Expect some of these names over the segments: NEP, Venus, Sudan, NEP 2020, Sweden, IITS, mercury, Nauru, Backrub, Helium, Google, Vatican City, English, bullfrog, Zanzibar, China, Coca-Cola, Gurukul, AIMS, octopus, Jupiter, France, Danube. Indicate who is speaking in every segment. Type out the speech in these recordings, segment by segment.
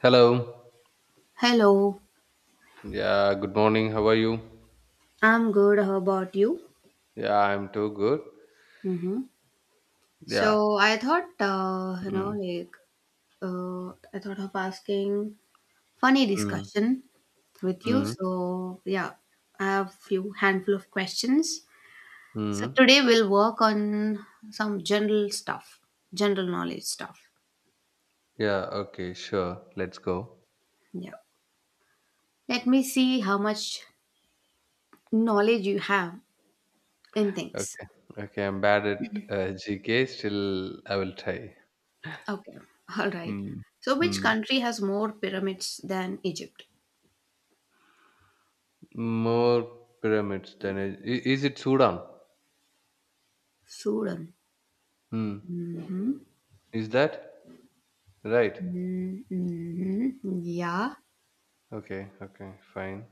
Speaker 1: Hello.
Speaker 2: Hello,
Speaker 1: Yeah, good morning. How are you?
Speaker 2: I'm good. How about you?
Speaker 1: Yeah, I'm too good.
Speaker 2: Mm-hmm.
Speaker 1: Yeah.
Speaker 2: So,
Speaker 1: Mm,
Speaker 2: like I thought of asking funny
Speaker 1: mm,
Speaker 2: discussion with you.
Speaker 1: mm,
Speaker 2: So yeah, I have few handful of questions. So
Speaker 1: mm.
Speaker 2: today we'll work on some general stuff, general knowledge stuff.
Speaker 1: Yeah, okay, sure. Let's go.
Speaker 2: Yeah. Let me see how much knowledge you have in things.
Speaker 1: Okay. Okay, I'm bad at GK. Still, I will try.
Speaker 2: Okay. All right.
Speaker 1: Mm,
Speaker 2: So which
Speaker 1: mm.
Speaker 2: country has more pyramids than Egypt?
Speaker 1: More pyramids than... Is it Sudan?
Speaker 2: Sudan.
Speaker 1: Mm. Is that? Right.
Speaker 2: Mm-hmm. Yeah,
Speaker 1: Okay, okay, fine.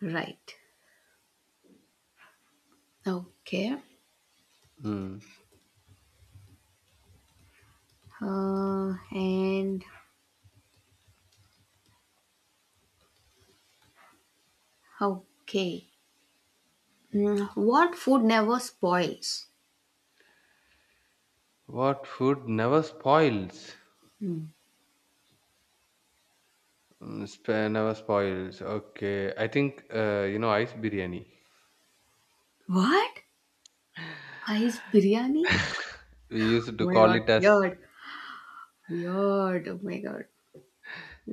Speaker 2: right. Okay.
Speaker 1: Mm.
Speaker 2: And okay. What food never spoils?
Speaker 1: What food never spoils?
Speaker 2: Mm.
Speaker 1: Never spoils. Okay, I think you know ice biryani.
Speaker 2: What? Ice biryani?
Speaker 1: We used
Speaker 2: Oh
Speaker 1: to
Speaker 2: my
Speaker 1: call
Speaker 2: god,
Speaker 1: it as
Speaker 2: weird. Weird. Oh my god.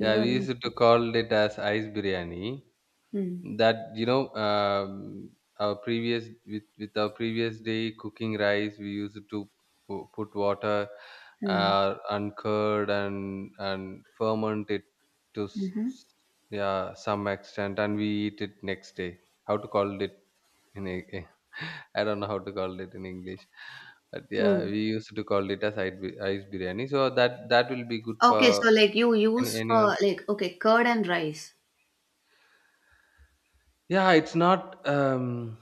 Speaker 1: yeah, we used to call it as ice biryani.
Speaker 2: Mm.
Speaker 1: That our previous with our previous day cooking rice, we used to put water
Speaker 2: Mm.
Speaker 1: and curd and ferment it to
Speaker 2: Mm-hmm.
Speaker 1: yeah some extent, and we eat it next day. How to call it in a, I don't know how to call it in English, but yeah,
Speaker 2: Mm.
Speaker 1: we used to call it as ice, ice biryani. So that will be good
Speaker 2: Okay,
Speaker 1: for
Speaker 2: so like you
Speaker 1: any,
Speaker 2: use
Speaker 1: anyone.
Speaker 2: for, like, okay, curd and rice.
Speaker 1: Yeah, it's not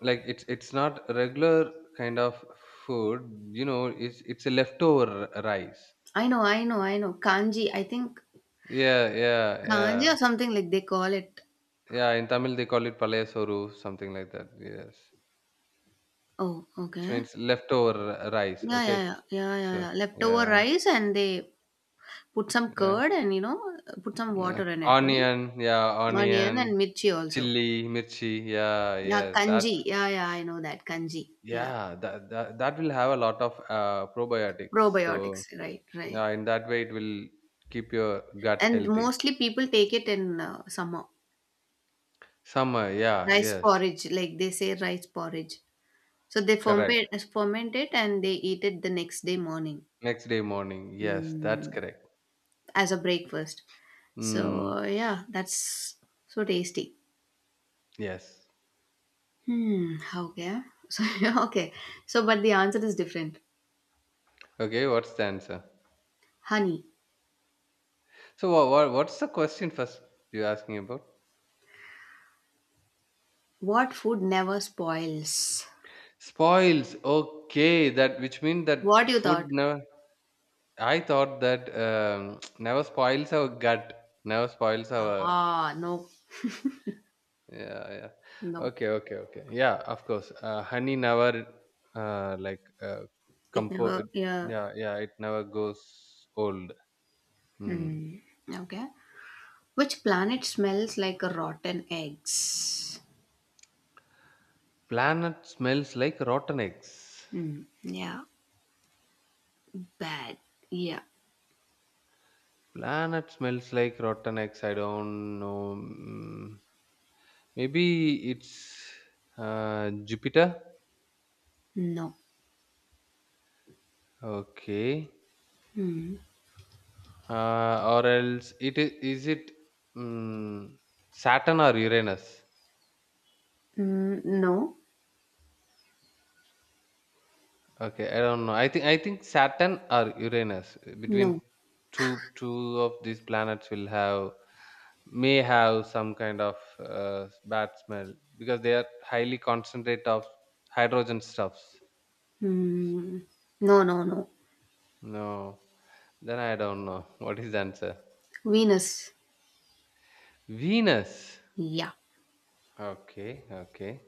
Speaker 1: like it's not regular kind of food. You know, it's a leftover rice.
Speaker 2: I know, I know, I know. Kanji, I think
Speaker 1: Yeah, yeah,
Speaker 2: kanji
Speaker 1: yeah,
Speaker 2: or something, like, they call it.
Speaker 1: yeah. In Tamil, they call it palayasoru, something like that. Yes,
Speaker 2: Oh,
Speaker 1: which
Speaker 2: okay.
Speaker 1: means leftover rice.
Speaker 2: Yeah, yeah,
Speaker 1: Okay,
Speaker 2: yeah. Yeah, yeah,
Speaker 1: so
Speaker 2: yeah. Leftover
Speaker 1: yeah,
Speaker 2: rice and they put some
Speaker 1: yeah,
Speaker 2: curd, and, you know, put some
Speaker 1: yeah.
Speaker 2: water in it, right?
Speaker 1: Onion, yeah,
Speaker 2: Onion
Speaker 1: onion.
Speaker 2: and mirchi also.
Speaker 1: Chilli, mirchi. Yeah,
Speaker 2: Yeah,
Speaker 1: yes, that's
Speaker 2: kanji. Yeah, yeah, I know that. Kanji. Yeah.
Speaker 1: yeah. That that will have a lot of probiotics. So
Speaker 2: Probiotics. Right, right.
Speaker 1: yeah, in that way, it will keep your gut
Speaker 2: And
Speaker 1: healthy.
Speaker 2: mostly people take it in summer.
Speaker 1: Summer. Yeah.
Speaker 2: Rice
Speaker 1: Yes.
Speaker 2: porridge, like they say rice porridge. So they
Speaker 1: Correct.
Speaker 2: ferment it and they eat it the next day morning,
Speaker 1: Next day morning. Yes, that's
Speaker 2: mm,
Speaker 1: correct.
Speaker 2: as a breakfast.
Speaker 1: Mm,
Speaker 2: So, yeah, that's so tasty.
Speaker 1: yes.
Speaker 2: Hmm, okay. So, okay. So, but the answer is different.
Speaker 1: Okay. What's the answer?
Speaker 2: Honey,
Speaker 1: So what, what's the question first? You're asking about
Speaker 2: what food never spoils?
Speaker 1: spoils. Okay, that which means
Speaker 2: What
Speaker 1: that
Speaker 2: you
Speaker 1: food
Speaker 2: thought?
Speaker 1: never. I thought that never spoils our gut, never spoils our.
Speaker 2: Ah, no,
Speaker 1: Yeah, yeah.
Speaker 2: no.
Speaker 1: Okay, okay, okay. Yeah, of course. Honey never uh, like uh,
Speaker 2: It
Speaker 1: compo.
Speaker 2: never, yeah.
Speaker 1: Yeah, yeah. It never goes old. Hmm.
Speaker 2: Hmm, okay. Which planet smells like rotten eggs?
Speaker 1: Planet smells like rotten eggs.
Speaker 2: Hmm, yeah. Bad. Yeah.
Speaker 1: Planet smells like rotten eggs. I don't know. Maybe it's Jupiter.
Speaker 2: No.
Speaker 1: Okay.
Speaker 2: Hmm.
Speaker 1: Or else it is it mm Saturn or Uranus?
Speaker 2: Mm, no.
Speaker 1: Okay, I don't know. I think Saturn or Uranus between
Speaker 2: No.
Speaker 1: two of these planets will have may have some kind of bad smell because they are highly concentrate of hydrogen stuffs.
Speaker 2: Hmm. No, no, no.
Speaker 1: No, then I don't know what is the answer.
Speaker 2: Venus.
Speaker 1: Venus.
Speaker 2: Yeah.
Speaker 1: Okay, okay.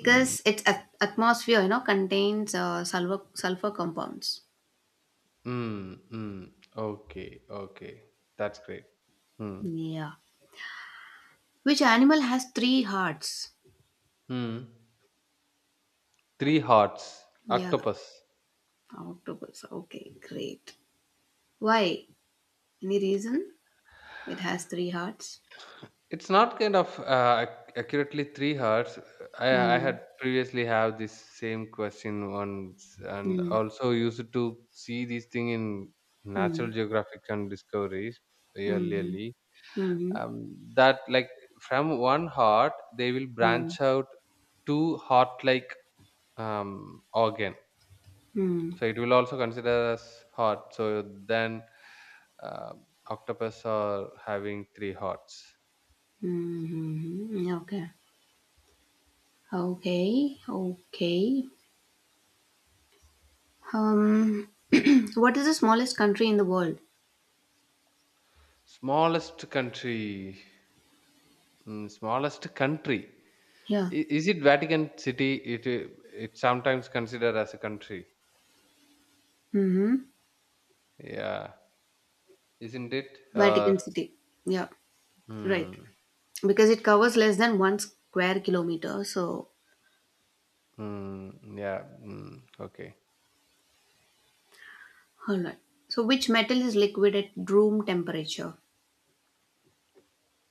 Speaker 1: Hmm.
Speaker 2: its atmosphere contains sulfur compounds.
Speaker 1: Mm, mm. Okay, okay. That's great. Mm.
Speaker 2: Yeah. Which animal has three hearts?
Speaker 1: Mm. Three hearts,
Speaker 2: Yeah.
Speaker 1: octopus.
Speaker 2: Octopus. Okay, great. Why? Any reason it has three hearts?
Speaker 1: It's not kind of accurately three hearts. I
Speaker 2: Hmm.
Speaker 1: had previously have this same question once, and
Speaker 2: Hmm.
Speaker 1: also used to see this thing in Natural
Speaker 2: Hmm.
Speaker 1: Geographic and Discoveries
Speaker 2: Hmm.
Speaker 1: earlierly.
Speaker 2: Hmm.
Speaker 1: That like from one heart they will
Speaker 2: Hmm.
Speaker 1: branch out two heart-like organ.
Speaker 2: Hmm.
Speaker 1: So it will also consider as heart. So then uh, octopus are having three hearts.
Speaker 2: Hmm. Okay, okay, okay. um what is the smallest country in the world?
Speaker 1: Smallest country, mm, smallest country.
Speaker 2: Yeah.
Speaker 1: Is it Vatican City? It sometimes considered as a country.
Speaker 2: Mm-hmm.
Speaker 1: Yeah, isn't it? Or
Speaker 2: Vatican City. Yeah. Right.
Speaker 1: mm,
Speaker 2: Because it covers less than one square kilometer. So,
Speaker 1: mm, yeah, mm, okay.
Speaker 2: all right. So, which metal is liquid at room temperature?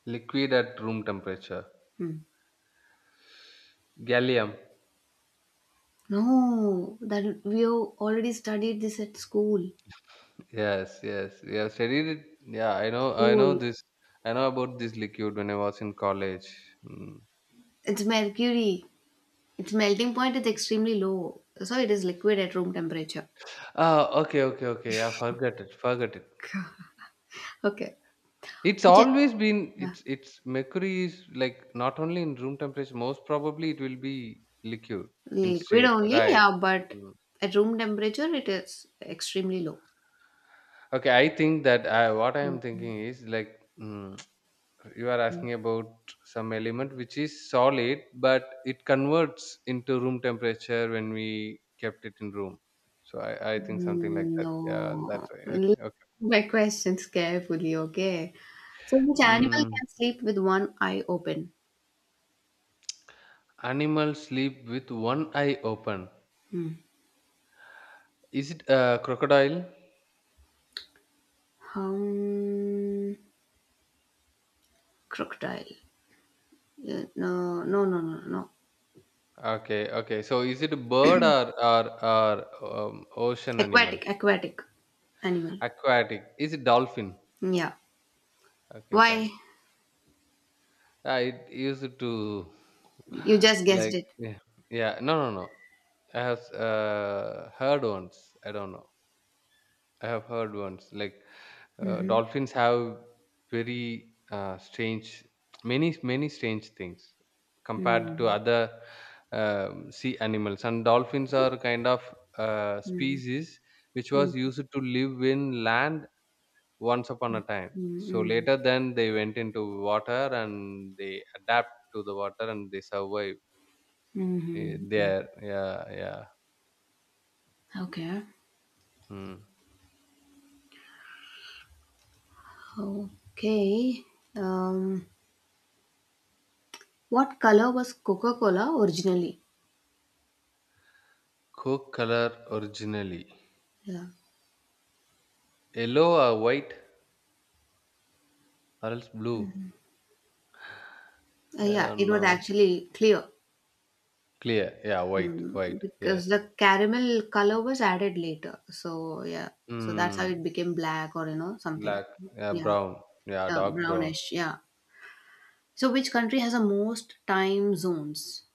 Speaker 1: Liquid at room temperature.
Speaker 2: Hmm.
Speaker 1: Gallium.
Speaker 2: No, that we have already studied this at school.
Speaker 1: Yes, yes, yeah. Studied it. Yeah, I know. I know
Speaker 2: School.
Speaker 1: this. I know about this liquid when I was in college. Mm.
Speaker 2: It's mercury. Its melting point is extremely low. So, it is liquid at room temperature.
Speaker 1: Ah, okay, okay, okay. I forgot it. Forgot it.
Speaker 2: Okay.
Speaker 1: It's
Speaker 2: Which, I-
Speaker 1: always been.
Speaker 2: yeah.
Speaker 1: It's mercury is like not only in room temperature. Most probably it will be liquid in
Speaker 2: Liquid
Speaker 1: state.
Speaker 2: only,
Speaker 1: Right.
Speaker 2: yeah, but
Speaker 1: Mm.
Speaker 2: at room temperature, it is extremely low.
Speaker 1: Okay, I think that what I am
Speaker 2: Hmm.
Speaker 1: thinking is like. You are asking about some element which is solid but it converts into room temperature when we kept it in room so I think something like that yeah
Speaker 2: No,
Speaker 1: that's right okay
Speaker 2: look
Speaker 1: okay
Speaker 2: my questions carefully, okay? So, which animal
Speaker 1: mm,
Speaker 2: can sleep with one eye open?
Speaker 1: animal sleep with one eye open,
Speaker 2: Hmm.
Speaker 1: is it a crocodile?
Speaker 2: Um, Crocodile. No, no, no, no, no.
Speaker 1: Okay, okay, so is it a bird or or, or ocean animal?
Speaker 2: Aquatic, animal.
Speaker 1: Aquatic, is it dolphin?
Speaker 2: Yeah.
Speaker 1: Okay
Speaker 2: Why?
Speaker 1: fine. I used to
Speaker 2: You just
Speaker 1: like
Speaker 2: guessed it.
Speaker 1: yeah, yeah. No, no, no. I have heard once. I don't know. I have heard once. Like
Speaker 2: Mm-hmm.
Speaker 1: dolphins have very strange, many many strange things compared to
Speaker 2: Mm-hmm.
Speaker 1: other sea animals. And dolphins are kind of
Speaker 2: Mm-hmm.
Speaker 1: species which was used to live in land once upon a time, so
Speaker 2: Mm-hmm.
Speaker 1: later then they went into water and they adapt to the water and they survive
Speaker 2: Mm-hmm.
Speaker 1: there. Yeah, yeah,
Speaker 2: Okay.
Speaker 1: hmm.
Speaker 2: Okay. Um, what color was Coca-Cola originally?
Speaker 1: Coke color originally
Speaker 2: Yeah.
Speaker 1: yellow or white or else blue. I
Speaker 2: Yeah,
Speaker 1: don't
Speaker 2: it was
Speaker 1: know.
Speaker 2: actually clear,
Speaker 1: Clear, yeah, white white.
Speaker 2: because
Speaker 1: Yes,
Speaker 2: the caramel color was added later. So yeah, so that's how
Speaker 1: hmm,
Speaker 2: it became black or, you know, something.
Speaker 1: black, yeah,
Speaker 2: Yeah,
Speaker 1: brown, yeah,
Speaker 2: yeah,
Speaker 1: dark brown.
Speaker 2: brownish. Yeah. So which country has the most time zones?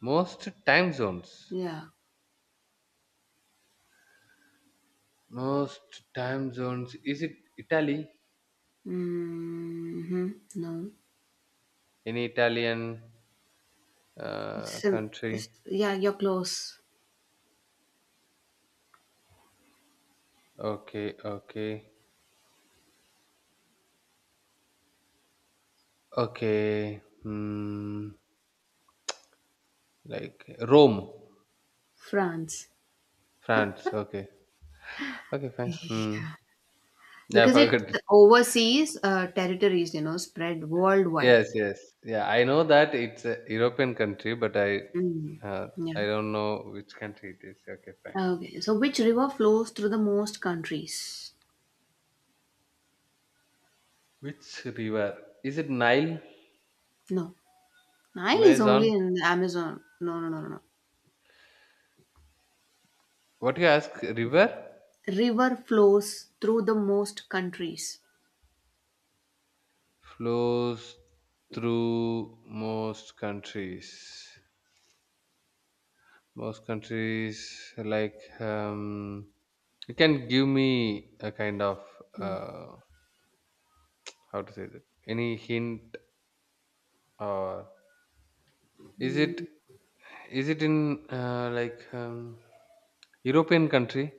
Speaker 1: Most time zones.
Speaker 2: Yeah.
Speaker 1: Most time zones, is it Italy?
Speaker 2: Mm-hmm. No.
Speaker 1: Any Italian
Speaker 2: Sim-
Speaker 1: country?
Speaker 2: yeah, you're close.
Speaker 1: Okay, okay, okay. Hmm, like Rome,
Speaker 2: France,
Speaker 1: France. Okay, okay, fine. Hmm. Yeah, I
Speaker 2: because it's
Speaker 1: forgot.
Speaker 2: overseas territories, you know, spread worldwide.
Speaker 1: Yes, yes. Yeah, I know that it's a European country, but
Speaker 2: Mm.
Speaker 1: uh,
Speaker 2: Yeah.
Speaker 1: I don't know which country it is. Okay, fine.
Speaker 2: Okay, so which river flows through the most countries?
Speaker 1: Which river? Is it Nile,
Speaker 2: No, Nile is
Speaker 1: Amazon?
Speaker 2: only in the Amazon. No, no, no, no, no.
Speaker 1: What you ask? River
Speaker 2: River flows through the most countries.
Speaker 1: flows through most countries. Most countries like you can give me a kind of uh, how to say that, any hint. Or is it in European country?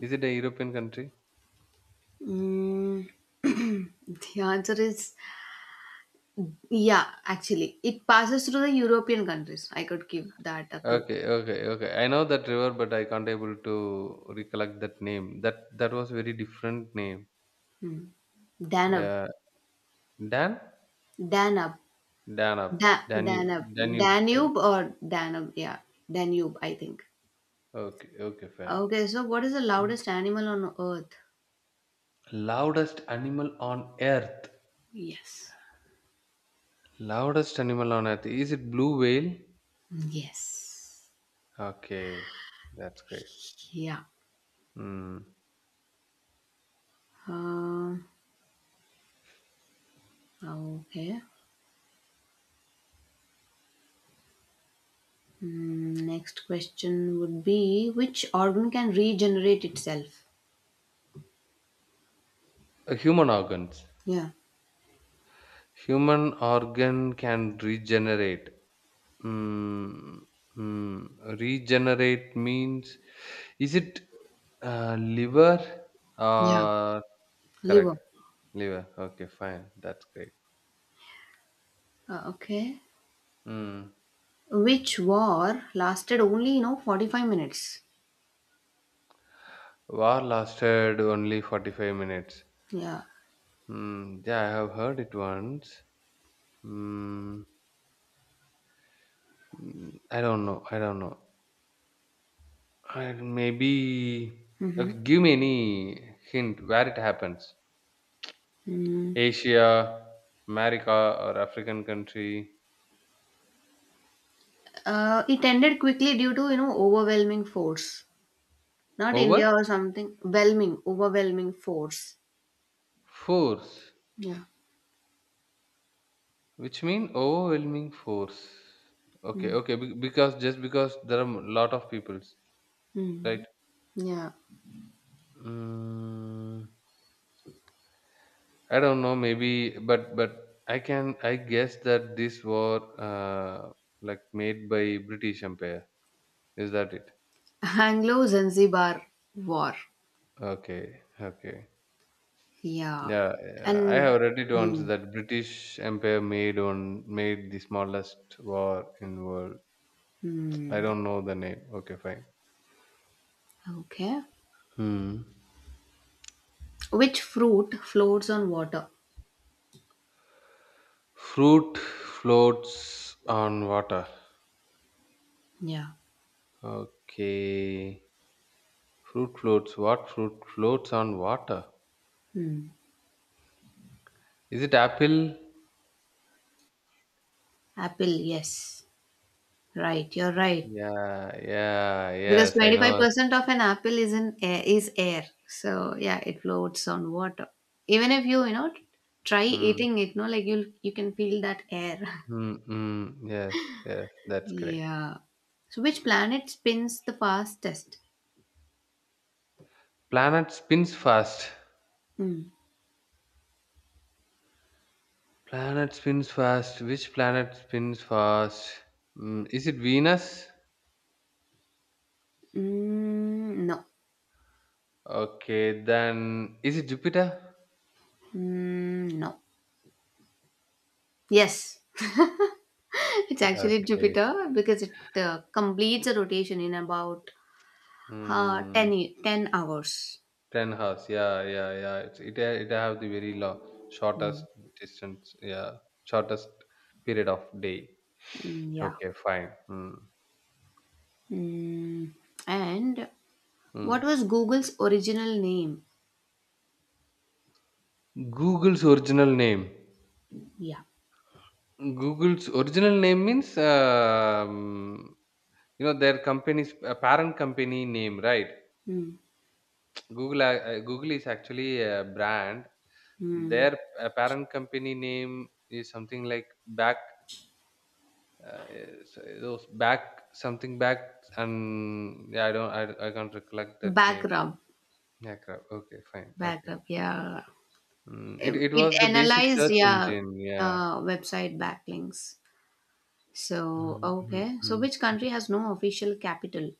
Speaker 1: Is it a European country?
Speaker 2: Mm, the answer is, yeah, actually. It passes through the European countries. I could give that a clue.
Speaker 1: Okay, okay, okay. I know that river, but I can't able to recollect that name. That was very different name.
Speaker 2: Danube.
Speaker 1: Yeah, Dan,
Speaker 2: Danube.
Speaker 1: Danube,
Speaker 2: Danube.
Speaker 1: Danube, Danube. Dan-
Speaker 2: Danube or Danube. Yeah, Danube, I think.
Speaker 1: Okay, okay, fine.
Speaker 2: Okay, so what is the loudest animal on earth?
Speaker 1: Loudest animal on earth.
Speaker 2: Yes.
Speaker 1: Loudest animal on earth. Is it blue whale?
Speaker 2: Yes.
Speaker 1: Okay, that's great.
Speaker 2: Yeah.
Speaker 1: Hmm.
Speaker 2: Uh, okay. Next question would be, which organ can regenerate itself?
Speaker 1: Human organs.
Speaker 2: Yeah.
Speaker 1: Human organ can regenerate. Hmm. Hmm. Regenerate means, is it liver?
Speaker 2: Yeah.
Speaker 1: Or
Speaker 2: Liver.
Speaker 1: correct liver? Okay, fine. That's great.
Speaker 2: Okay.
Speaker 1: Hmm.
Speaker 2: Which war lasted only, 45 minutes?
Speaker 1: War lasted only 45 minutes.
Speaker 2: Yeah.
Speaker 1: Hmm. Yeah, I have heard it once. Mm, mm, I don't know. I don't know. And maybe
Speaker 2: Mm-hmm.
Speaker 1: okay, give me any hint where it happens.
Speaker 2: Mm.
Speaker 1: Asia, America, or African country.
Speaker 2: It ended quickly due to, overwhelming force. Not
Speaker 1: Over
Speaker 2: India or something. Overwhelming force.
Speaker 1: force,
Speaker 2: Yeah.
Speaker 1: which mean overwhelming force. Okay,
Speaker 2: Mm.
Speaker 1: okay. be- Because just because there are a lot of peoples, right?
Speaker 2: Mm. Yeah.
Speaker 1: Mm, I don't know. Maybe, but I can. I guess that this war, like made by British Empire. Is that it?
Speaker 2: Anglo Zanzibar War.
Speaker 1: Okay, okay.
Speaker 2: Yeah.
Speaker 1: Yeah, yeah, I
Speaker 2: And
Speaker 1: have read it once
Speaker 2: mm,
Speaker 1: that British Empire made on made the smallest war in world. I
Speaker 2: mm,
Speaker 1: don't know the name. Okay, fine.
Speaker 2: okay.
Speaker 1: Hmm.
Speaker 2: Which fruit floats on water?
Speaker 1: Fruit floats on water.
Speaker 2: Yeah.
Speaker 1: Okay. Fruit floats. What fruit floats on water?
Speaker 2: Hmm.
Speaker 1: Is it apple?
Speaker 2: Apple, yes. Right, you're right.
Speaker 1: Yeah, yeah,
Speaker 2: Because
Speaker 1: yes, I know.
Speaker 2: 25% of an apple is in air, is air. So, yeah, it floats on water. Even if you, try
Speaker 1: Hmm.
Speaker 2: eating it, no, like you can feel that air.
Speaker 1: Hmm. Hmm. Yes, yes, that's correct.
Speaker 2: Yeah. So, which planet spins the fastest?
Speaker 1: Planet spins fast.
Speaker 2: Mm.
Speaker 1: Planet spins fast. Which planet spins fast? Mm, is it Venus?
Speaker 2: Mm, no.
Speaker 1: Okay, then is it Jupiter?
Speaker 2: Mm, no. Yes. It's actually
Speaker 1: Okay.
Speaker 2: Jupiter because it completes a rotation in about
Speaker 1: Hmm.
Speaker 2: 10, 10 hours.
Speaker 1: 10 hours. Yeah, yeah, yeah. It have the very long, shortest
Speaker 2: Mm,
Speaker 1: distance. Yeah, shortest period of day.
Speaker 2: yeah.
Speaker 1: Okay, fine. Hmm.
Speaker 2: Mm, and
Speaker 1: Hmm.
Speaker 2: what was Google's original name?
Speaker 1: Google's original name.
Speaker 2: Yeah.
Speaker 1: Google's original name means you know their company's parent company name, right?
Speaker 2: Mm,
Speaker 1: Google, Google is actually a brand.
Speaker 2: mm.
Speaker 1: Their parent company name is something like back, those back something back, and yeah, I don't, I can't recollect that name.
Speaker 2: Backrub.
Speaker 1: Yeah, crap. Okay, fine. Okay,
Speaker 2: Backrub, yeah.
Speaker 1: mm,
Speaker 2: It,
Speaker 1: it
Speaker 2: it
Speaker 1: was the basic
Speaker 2: analyzed,
Speaker 1: search
Speaker 2: yeah,
Speaker 1: engine. Yeah,
Speaker 2: website backlinks. So,
Speaker 1: mm, mm,
Speaker 2: okay. So,
Speaker 1: mm,
Speaker 2: which
Speaker 1: mm,
Speaker 2: country has no official capital?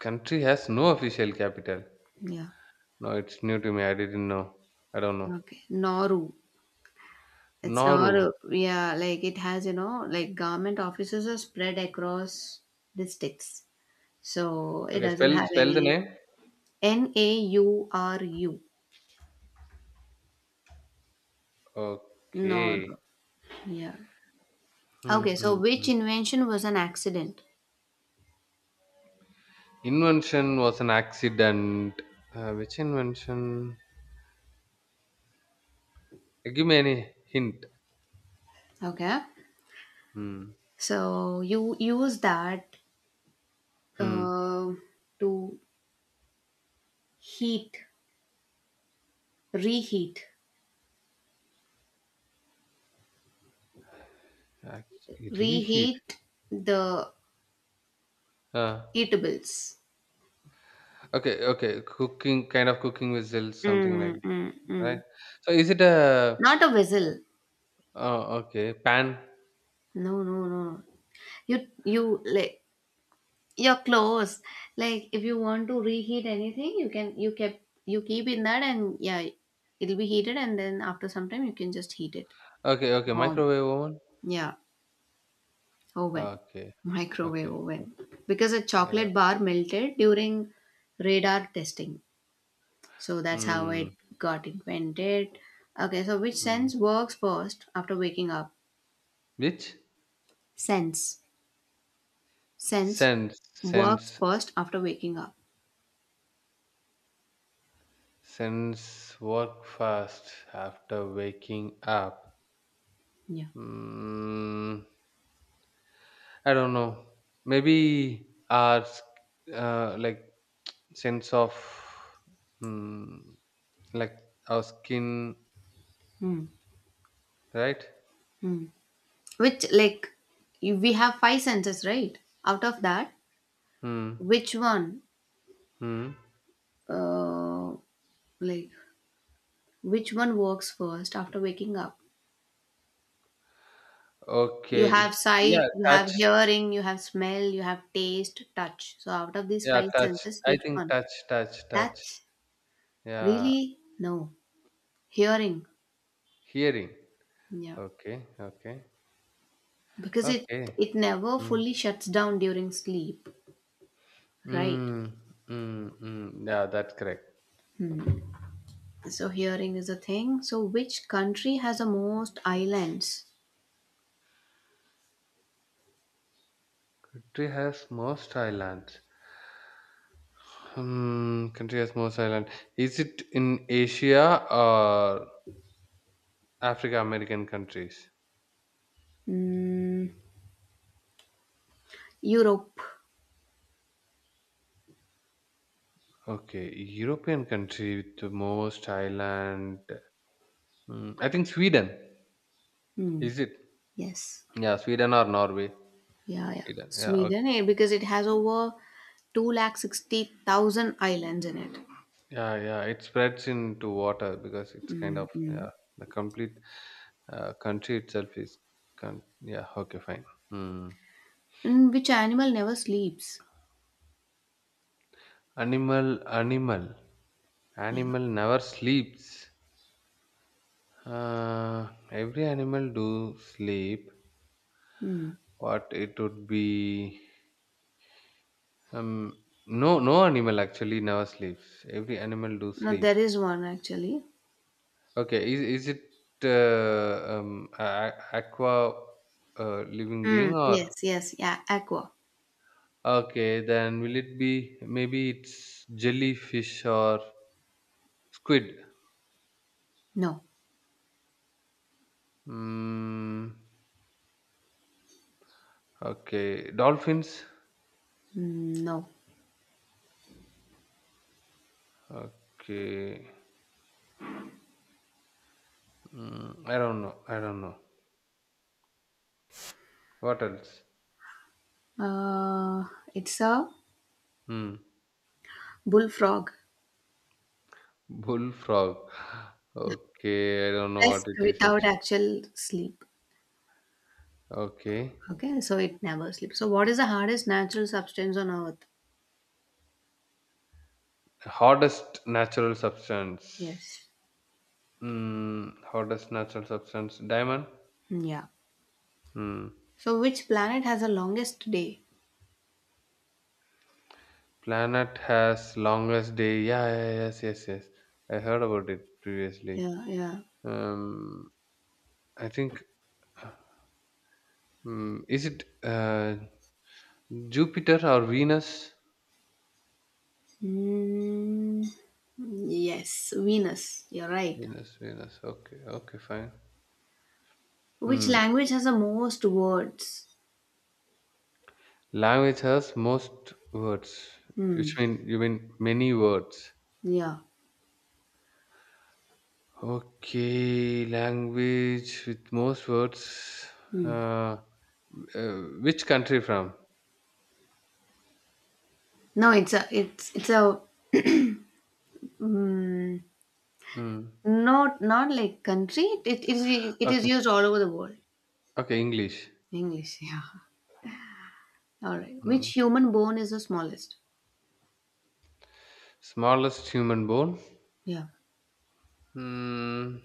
Speaker 1: country has no official capital.
Speaker 2: Yeah.
Speaker 1: No, it's new to me. I didn't know. I don't know.
Speaker 2: Okay. Nauru. It's not,
Speaker 1: Nauru.
Speaker 2: yeah, like it has, like government offices are spread across districts. So it
Speaker 1: Okay,
Speaker 2: doesn't
Speaker 1: spell
Speaker 2: have
Speaker 1: spell the
Speaker 2: any
Speaker 1: name.
Speaker 2: Nauru. Nor,
Speaker 1: Okay.
Speaker 2: yeah.
Speaker 1: Mm,
Speaker 2: Okay, so
Speaker 1: mm,
Speaker 2: which
Speaker 1: mm.
Speaker 2: invention was an accident?
Speaker 1: Invention was an accident. Which invention? Give me any hint.
Speaker 2: Okay,
Speaker 1: Hmm.
Speaker 2: so you use that
Speaker 1: Hmm.
Speaker 2: uh, to heat, reheat,
Speaker 1: Ac- Reheat.
Speaker 2: reheat the
Speaker 1: Uh,
Speaker 2: eatables.
Speaker 1: okay. Okay. Cooking, kind of cooking whistle, something like
Speaker 2: Mm, mm,
Speaker 1: that, right.
Speaker 2: mm.
Speaker 1: So is it a?
Speaker 2: Not a vessel.
Speaker 1: Okay. Pan.
Speaker 2: No, no, no. You like your clothes, like if you want to reheat anything, you can you kept you keep in that and yeah it'll be heated and then after some time you can just heat it
Speaker 1: Okay. Okay.
Speaker 2: warm,
Speaker 1: Microwave oven.
Speaker 2: yeah, oven,
Speaker 1: Okay.
Speaker 2: microwave
Speaker 1: Okay.
Speaker 2: oven, because a
Speaker 1: Yeah.
Speaker 2: chocolate bar melted during radar testing, so that's how
Speaker 1: Hmm.
Speaker 2: it got invented. Okay, so which
Speaker 1: Hmm.
Speaker 2: sense works first after waking up?
Speaker 1: Which
Speaker 2: sense Sense
Speaker 1: sense?
Speaker 2: works
Speaker 1: Sense.
Speaker 2: first after waking up?
Speaker 1: Sense. Work fast after waking up.
Speaker 2: Yeah.
Speaker 1: Hmm. I don't know. Maybe our uh, like sense of mm, like our skin,
Speaker 2: Hmm.
Speaker 1: right?
Speaker 2: Hmm. Which, like, we have five senses, right? Out of that,
Speaker 1: Hmm.
Speaker 2: which one
Speaker 1: Hmm.
Speaker 2: uh like which one works first after waking up? You
Speaker 1: Okay. It,
Speaker 2: have sight,
Speaker 1: yeah.
Speaker 2: you have
Speaker 1: Touch.
Speaker 2: hearing, you have smell, you have taste, touch. So out of these
Speaker 1: Yeah.
Speaker 2: five
Speaker 1: Touch.
Speaker 2: senses,
Speaker 1: I
Speaker 2: which
Speaker 1: think
Speaker 2: one?
Speaker 1: touch. Touch. Touch.
Speaker 2: That's
Speaker 1: Yeah.
Speaker 2: really no. Hearing.
Speaker 1: Hearing.
Speaker 2: Yeah.
Speaker 1: Okay. Okay.
Speaker 2: Because it
Speaker 1: Okay.
Speaker 2: it never
Speaker 1: Mm.
Speaker 2: fully shuts down during sleep, right?
Speaker 1: Mm, mm, mm. Yeah, that's correct.
Speaker 2: So hearing is a thing. So which country has the most islands?
Speaker 1: Country has most islands. Hmm, country has most island. Is it in Asia or Africa American countries?
Speaker 2: Mm, Europe.
Speaker 1: Okay, European country with the most island. Hmm, I think Sweden.
Speaker 2: Hmm.
Speaker 1: Is it?
Speaker 2: Yes.
Speaker 1: Yeah, Sweden or Norway?
Speaker 2: Yeah, yeah.
Speaker 1: Sweden. Yeah. Okay.
Speaker 2: Sweden, because it has over 260,000 islands in it.
Speaker 1: Yeah, yeah. It spreads into water because it's kind of
Speaker 2: Mm. Mm.
Speaker 1: yeah the complete country itself is con- yeah. Okay, fine. Hmm.
Speaker 2: And which animal never sleeps?
Speaker 1: Animal, animal,
Speaker 2: Yeah.
Speaker 1: Animal never sleeps. Every animal do sleep.
Speaker 2: Hmm.
Speaker 1: What it would be? Um, no, no animal actually never sleeps. Every animal do
Speaker 2: No,
Speaker 1: sleep.
Speaker 2: there is one actually.
Speaker 1: Okay, is it aqua living being
Speaker 2: Mm.
Speaker 1: or
Speaker 2: Yes, yes, yeah, aqua.
Speaker 1: okay? Then will it be maybe it's jellyfish or squid?
Speaker 2: No,
Speaker 1: Mm, okay, dolphins.
Speaker 2: No.
Speaker 1: Okay, mm, I don't know. I don't know. What else?
Speaker 2: Uh, it's a
Speaker 1: Hmm.
Speaker 2: bullfrog.
Speaker 1: Bullfrog. Okay, I don't know what
Speaker 2: Rest
Speaker 1: it is
Speaker 2: without
Speaker 1: actually.
Speaker 2: actual sleep.
Speaker 1: Okay.
Speaker 2: Okay, so it never sleeps. So, what is the hardest natural substance on earth?
Speaker 1: Hardest natural substance.
Speaker 2: Yes.
Speaker 1: Mm, hardest natural substance. Diamond?
Speaker 2: Yeah.
Speaker 1: Hmm.
Speaker 2: So, which planet has the longest day?
Speaker 1: Planet has longest day. Yeah, yeah, yeah, yes, yes, yes. I heard about it previously.
Speaker 2: Yeah, yeah.
Speaker 1: Um, I think. Mm, is it Jupiter or Venus?
Speaker 2: Mm, yes, Venus. You're right.
Speaker 1: Venus, Venus. Okay, okay, fine.
Speaker 2: Which
Speaker 1: Hmm.
Speaker 2: language has the most words?
Speaker 1: Language has most words,
Speaker 2: Hmm.
Speaker 1: which mean you mean many words.
Speaker 2: Yeah.
Speaker 1: Okay, language with most words.
Speaker 2: Hmm.
Speaker 1: Uh, uh, which country from?
Speaker 2: No, it's a mm,
Speaker 1: Hmm.
Speaker 2: not like country. It is
Speaker 1: Okay,
Speaker 2: used all over the world.
Speaker 1: okay, English.
Speaker 2: English. Yeah. All right.
Speaker 1: Hmm.
Speaker 2: Which human bone is the smallest?
Speaker 1: Smallest human bone.
Speaker 2: Yeah.
Speaker 1: Hmm.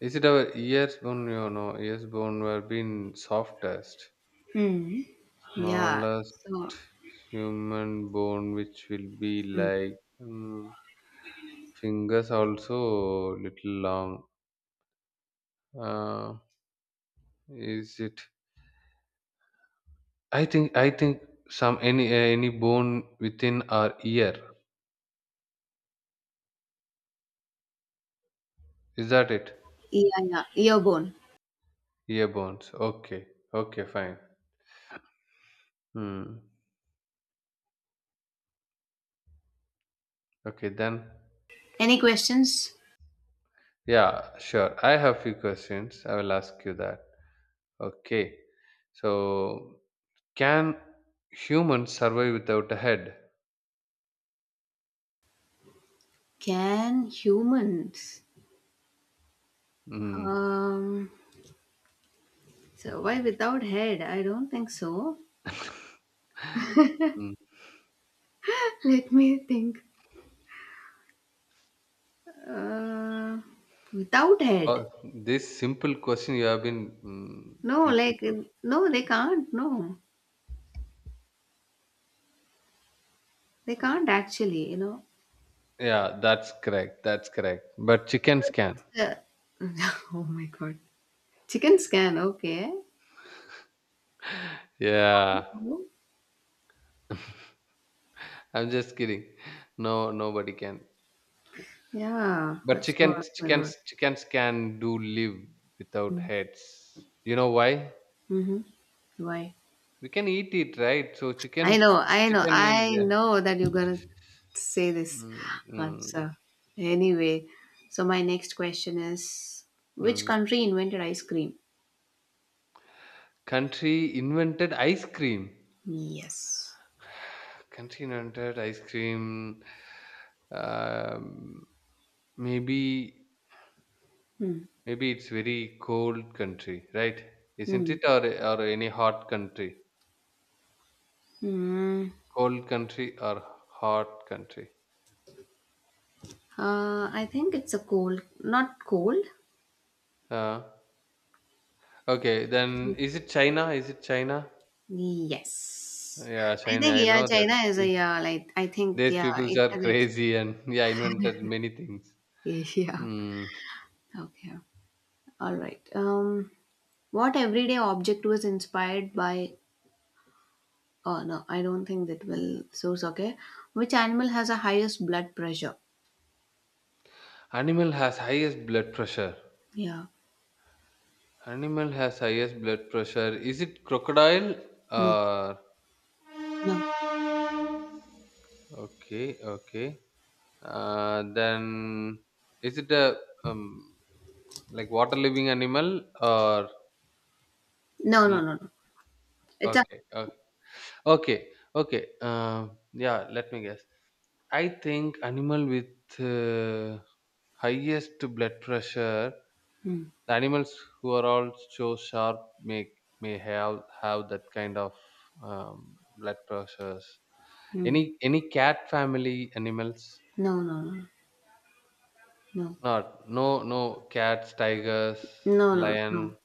Speaker 1: Is it our ears bone? No, no, ears bone were being softest.
Speaker 2: Hmm. Yeah.
Speaker 1: Smallest
Speaker 2: So.
Speaker 1: human bone, which will be
Speaker 2: Mm.
Speaker 1: like hmm, fingers, also little long. Uh, is it? I think some any bone within our ear. Is that it?
Speaker 2: Yeah. Yeah. Ear bone.
Speaker 1: Ear bones. Okay. Okay. Fine. Hmm. Okay then.
Speaker 2: Any questions?
Speaker 1: Yeah. Sure. I have few questions. I will ask you that. Okay. So can humans survive without a head?
Speaker 2: Can humans
Speaker 1: Hmm.
Speaker 2: um, survive without head? I don't think so.
Speaker 1: Mm.
Speaker 2: Let me think. Uh, Without head?
Speaker 1: Oh, this simple question you have been
Speaker 2: No,
Speaker 1: thinking.
Speaker 2: like
Speaker 1: So.
Speaker 2: no, they can't. No, they can't actually.
Speaker 1: Yeah, that's correct. That's correct. But chickens
Speaker 2: Because
Speaker 1: can.
Speaker 2: it's oh my god, chicken scan. Okay.
Speaker 1: Yeah,
Speaker 2: Mhm.
Speaker 1: I'm just kidding. No, nobody can.
Speaker 2: Yeah,
Speaker 1: But
Speaker 2: that's what. Oh my god.
Speaker 1: chickens can do live without
Speaker 2: Mm-hmm.
Speaker 1: heads. You know why?
Speaker 2: Mm-hmm. Why?
Speaker 1: We can eat it, right? So
Speaker 2: I
Speaker 1: chickens,
Speaker 2: know, I know,
Speaker 1: chicken means
Speaker 2: I
Speaker 1: yeah.
Speaker 2: know that you're gonna say this
Speaker 1: Mm, mm,
Speaker 2: answer. Anyway, so my next question is, which
Speaker 1: mm.
Speaker 2: country invented ice cream?
Speaker 1: Country invented ice cream.
Speaker 2: Yes.
Speaker 1: Country invented ice cream. Um, maybe,
Speaker 2: Hmm.
Speaker 1: Maybe it's very cold country, right? Isn't
Speaker 2: Hmm.
Speaker 1: it? Or any hot country?
Speaker 2: Hmm.
Speaker 1: Cold country or hot country?
Speaker 2: I think it's a cold, not cold.
Speaker 1: Uh, okay,
Speaker 2: I
Speaker 1: then
Speaker 2: think-
Speaker 1: is it China? Is it China?
Speaker 2: Yes.
Speaker 1: Yeah,
Speaker 2: I
Speaker 1: China.
Speaker 2: think
Speaker 1: I
Speaker 2: yeah,
Speaker 1: know
Speaker 2: China
Speaker 1: that
Speaker 2: is a yeah, like I think
Speaker 1: these
Speaker 2: yeah,
Speaker 1: peoples
Speaker 2: it
Speaker 1: are
Speaker 2: has
Speaker 1: crazy and yeah, invented many things.
Speaker 2: yeah.
Speaker 1: Hmm.
Speaker 2: Okay. All right. What everyday object was inspired by? Oh no, I don't think that will source. Okay, which animal has the highest blood pressure?
Speaker 1: Animal has highest blood pressure.
Speaker 2: Yeah,
Speaker 1: Animal has highest blood pressure. Is it crocodile?
Speaker 2: no,
Speaker 1: Or
Speaker 2: no,
Speaker 1: okay, okay. Then is it a um like water living animal or
Speaker 2: no, no,
Speaker 1: l-
Speaker 2: no, no. It's a
Speaker 1: okay, okay. Okay, okay. Yeah, let me guess. I think animal with highest blood pressure,
Speaker 2: hmm.
Speaker 1: the animals who are all so sharp may have that kind of blood pressures.
Speaker 2: Hmm.
Speaker 1: Any cat family animals?
Speaker 2: No, no, no, no,
Speaker 1: Not no no cats, tigers,
Speaker 2: no, no,
Speaker 1: lion,
Speaker 2: no.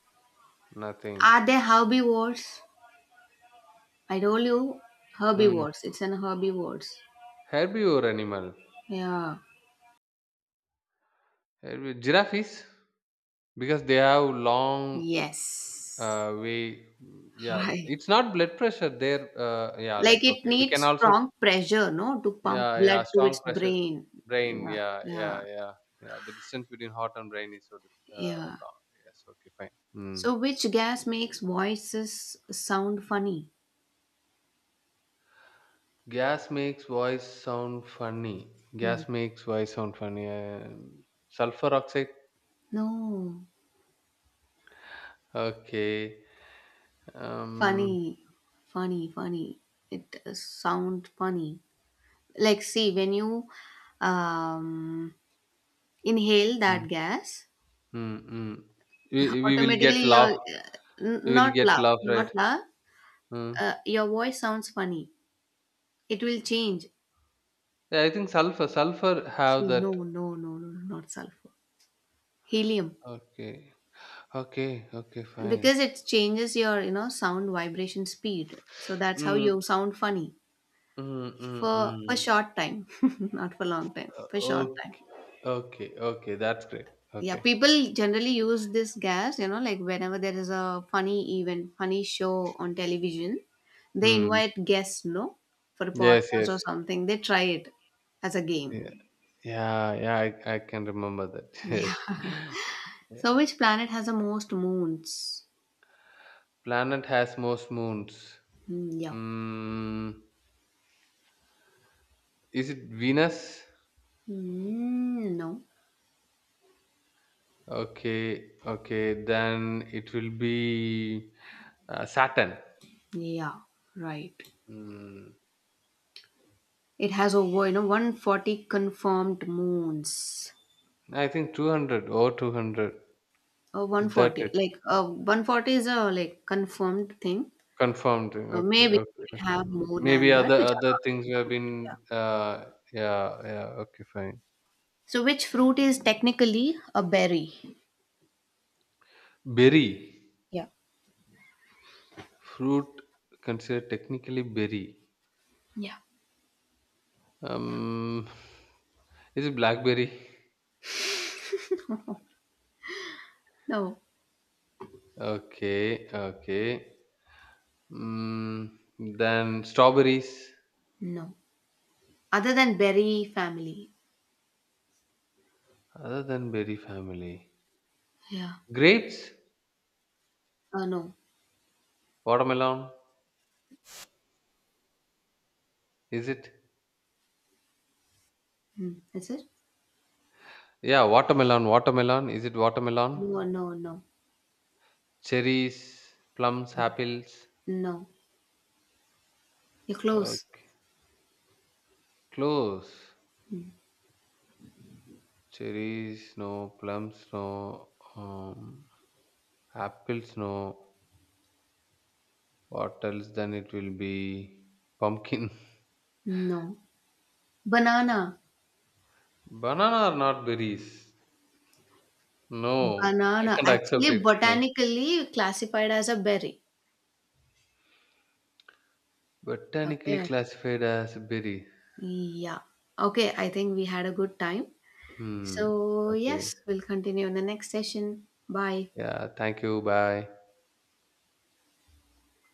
Speaker 1: nothing.
Speaker 2: Are they herbivores? I told you
Speaker 1: Hmm.
Speaker 2: herbivores. It's an herbivores.
Speaker 1: Herbivore animal.
Speaker 2: Yeah.
Speaker 1: Herbi- Giraffe is because they have long
Speaker 2: Yes.
Speaker 1: yeah
Speaker 2: Right.
Speaker 1: it's not blood pressure there yeah
Speaker 2: Like
Speaker 1: like
Speaker 2: it
Speaker 1: okay we
Speaker 2: needs
Speaker 1: can also
Speaker 2: strong pressure, no, to pump
Speaker 1: yeah yeah
Speaker 2: blood to
Speaker 1: strong
Speaker 2: its
Speaker 1: pressure
Speaker 2: brain.
Speaker 1: brain
Speaker 2: Yeah.
Speaker 1: yeah yeah
Speaker 2: Yeah.
Speaker 1: yeah yeah the distance between heart and brain is so dif-
Speaker 2: Yeah.
Speaker 1: long yes okay fine mm.
Speaker 2: So, which gas makes voices sound funny?
Speaker 1: Gas makes voice sound funny.
Speaker 2: Hmm.
Speaker 1: Gas makes voice sound funny, sulfur oxide?
Speaker 2: No,
Speaker 1: Okay um
Speaker 2: funny, funny, funny. It sound funny. Like, see, when you um, inhale that
Speaker 1: mm,
Speaker 2: gas,
Speaker 1: mm, mm. We will get
Speaker 2: automatically you're
Speaker 1: laugh, we will
Speaker 2: not
Speaker 1: get
Speaker 2: loud,
Speaker 1: laugh
Speaker 2: not
Speaker 1: right
Speaker 2: loud.
Speaker 1: mm.
Speaker 2: Your voice sounds funny. It will change.
Speaker 1: Yeah, I think sulfur sulfur have
Speaker 2: See,
Speaker 1: that.
Speaker 2: no, no, no, no, no, not sulfur. Helium,
Speaker 1: Okay. Okay, okay, fine.
Speaker 2: because it changes your sound vibration speed. So that's how you
Speaker 1: Mm,
Speaker 2: sound funny,
Speaker 1: mm, mm,
Speaker 2: for a
Speaker 1: mm.
Speaker 2: short time, not for long time, for short time.
Speaker 1: Okay, okay, okay. That's great.
Speaker 2: Yeah,
Speaker 1: Okay.
Speaker 2: people generally use this gas, you know, like whenever there is a funny event, funny show on television, they
Speaker 1: Mm.
Speaker 2: invite guests, no, for a
Speaker 1: Yes,
Speaker 2: podcast or
Speaker 1: yes.
Speaker 2: something, they try it as a game.
Speaker 1: Yeah, yeah, yeah, I can remember that.
Speaker 2: Yeah.
Speaker 1: Yes.
Speaker 2: So
Speaker 1: Yeah.
Speaker 2: which planet has the most moons?
Speaker 1: Planet has most moons.
Speaker 2: Yeah.
Speaker 1: Mm, is it Venus?
Speaker 2: No.
Speaker 1: Okay, okay. Then it will be Saturn.
Speaker 2: Yeah, right.
Speaker 1: Mm,
Speaker 2: It has over 140 confirmed moons.
Speaker 1: I think 200 or 200. Is that
Speaker 2: 140.
Speaker 1: it?
Speaker 2: Like, 140 is a, like, confirmed thing.
Speaker 1: Confirmed.
Speaker 2: So
Speaker 1: Okay,
Speaker 2: maybe
Speaker 1: okay,
Speaker 2: we
Speaker 1: okay.
Speaker 2: have more
Speaker 1: Maybe
Speaker 2: than
Speaker 1: other
Speaker 2: that, which are
Speaker 1: other
Speaker 2: not
Speaker 1: things we have been.
Speaker 2: confirmed. Yeah.
Speaker 1: Yeah, yeah. Okay, fine.
Speaker 2: So which fruit is technically a berry?
Speaker 1: Berry
Speaker 2: Yeah.
Speaker 1: fruit considered technically berry.
Speaker 2: Yeah.
Speaker 1: Um, is it blackberry?
Speaker 2: No.
Speaker 1: Okay, okay. Mm, then strawberries.
Speaker 2: No. Other than berry family.
Speaker 1: Other than berry family,
Speaker 2: Yeah.
Speaker 1: grapes,
Speaker 2: No.
Speaker 1: watermelon. Is it?
Speaker 2: Hmm. Is it?
Speaker 1: Yeah, watermelon. Watermelon. Is it watermelon?
Speaker 2: No, no, no.
Speaker 1: Cherries, plums, apples.
Speaker 2: No. You're
Speaker 1: Uh,
Speaker 2: close.
Speaker 1: close. Cherries, no, plums, no, um, apples, no. What else then it will be? Pumpkin.
Speaker 2: No. Banana.
Speaker 1: Banana are not berries. No, I
Speaker 2: Banana.
Speaker 1: can't accept
Speaker 2: Actually,
Speaker 1: it. No.
Speaker 2: botanically classified as a berry.
Speaker 1: Botanically
Speaker 2: Okay.
Speaker 1: classified as berry.
Speaker 2: Yeah. Okay, I think we had a good time.
Speaker 1: Hmm.
Speaker 2: So,
Speaker 1: Okay.
Speaker 2: yes, we'll continue in the next session. Bye.
Speaker 1: Yeah. Thank you. Bye.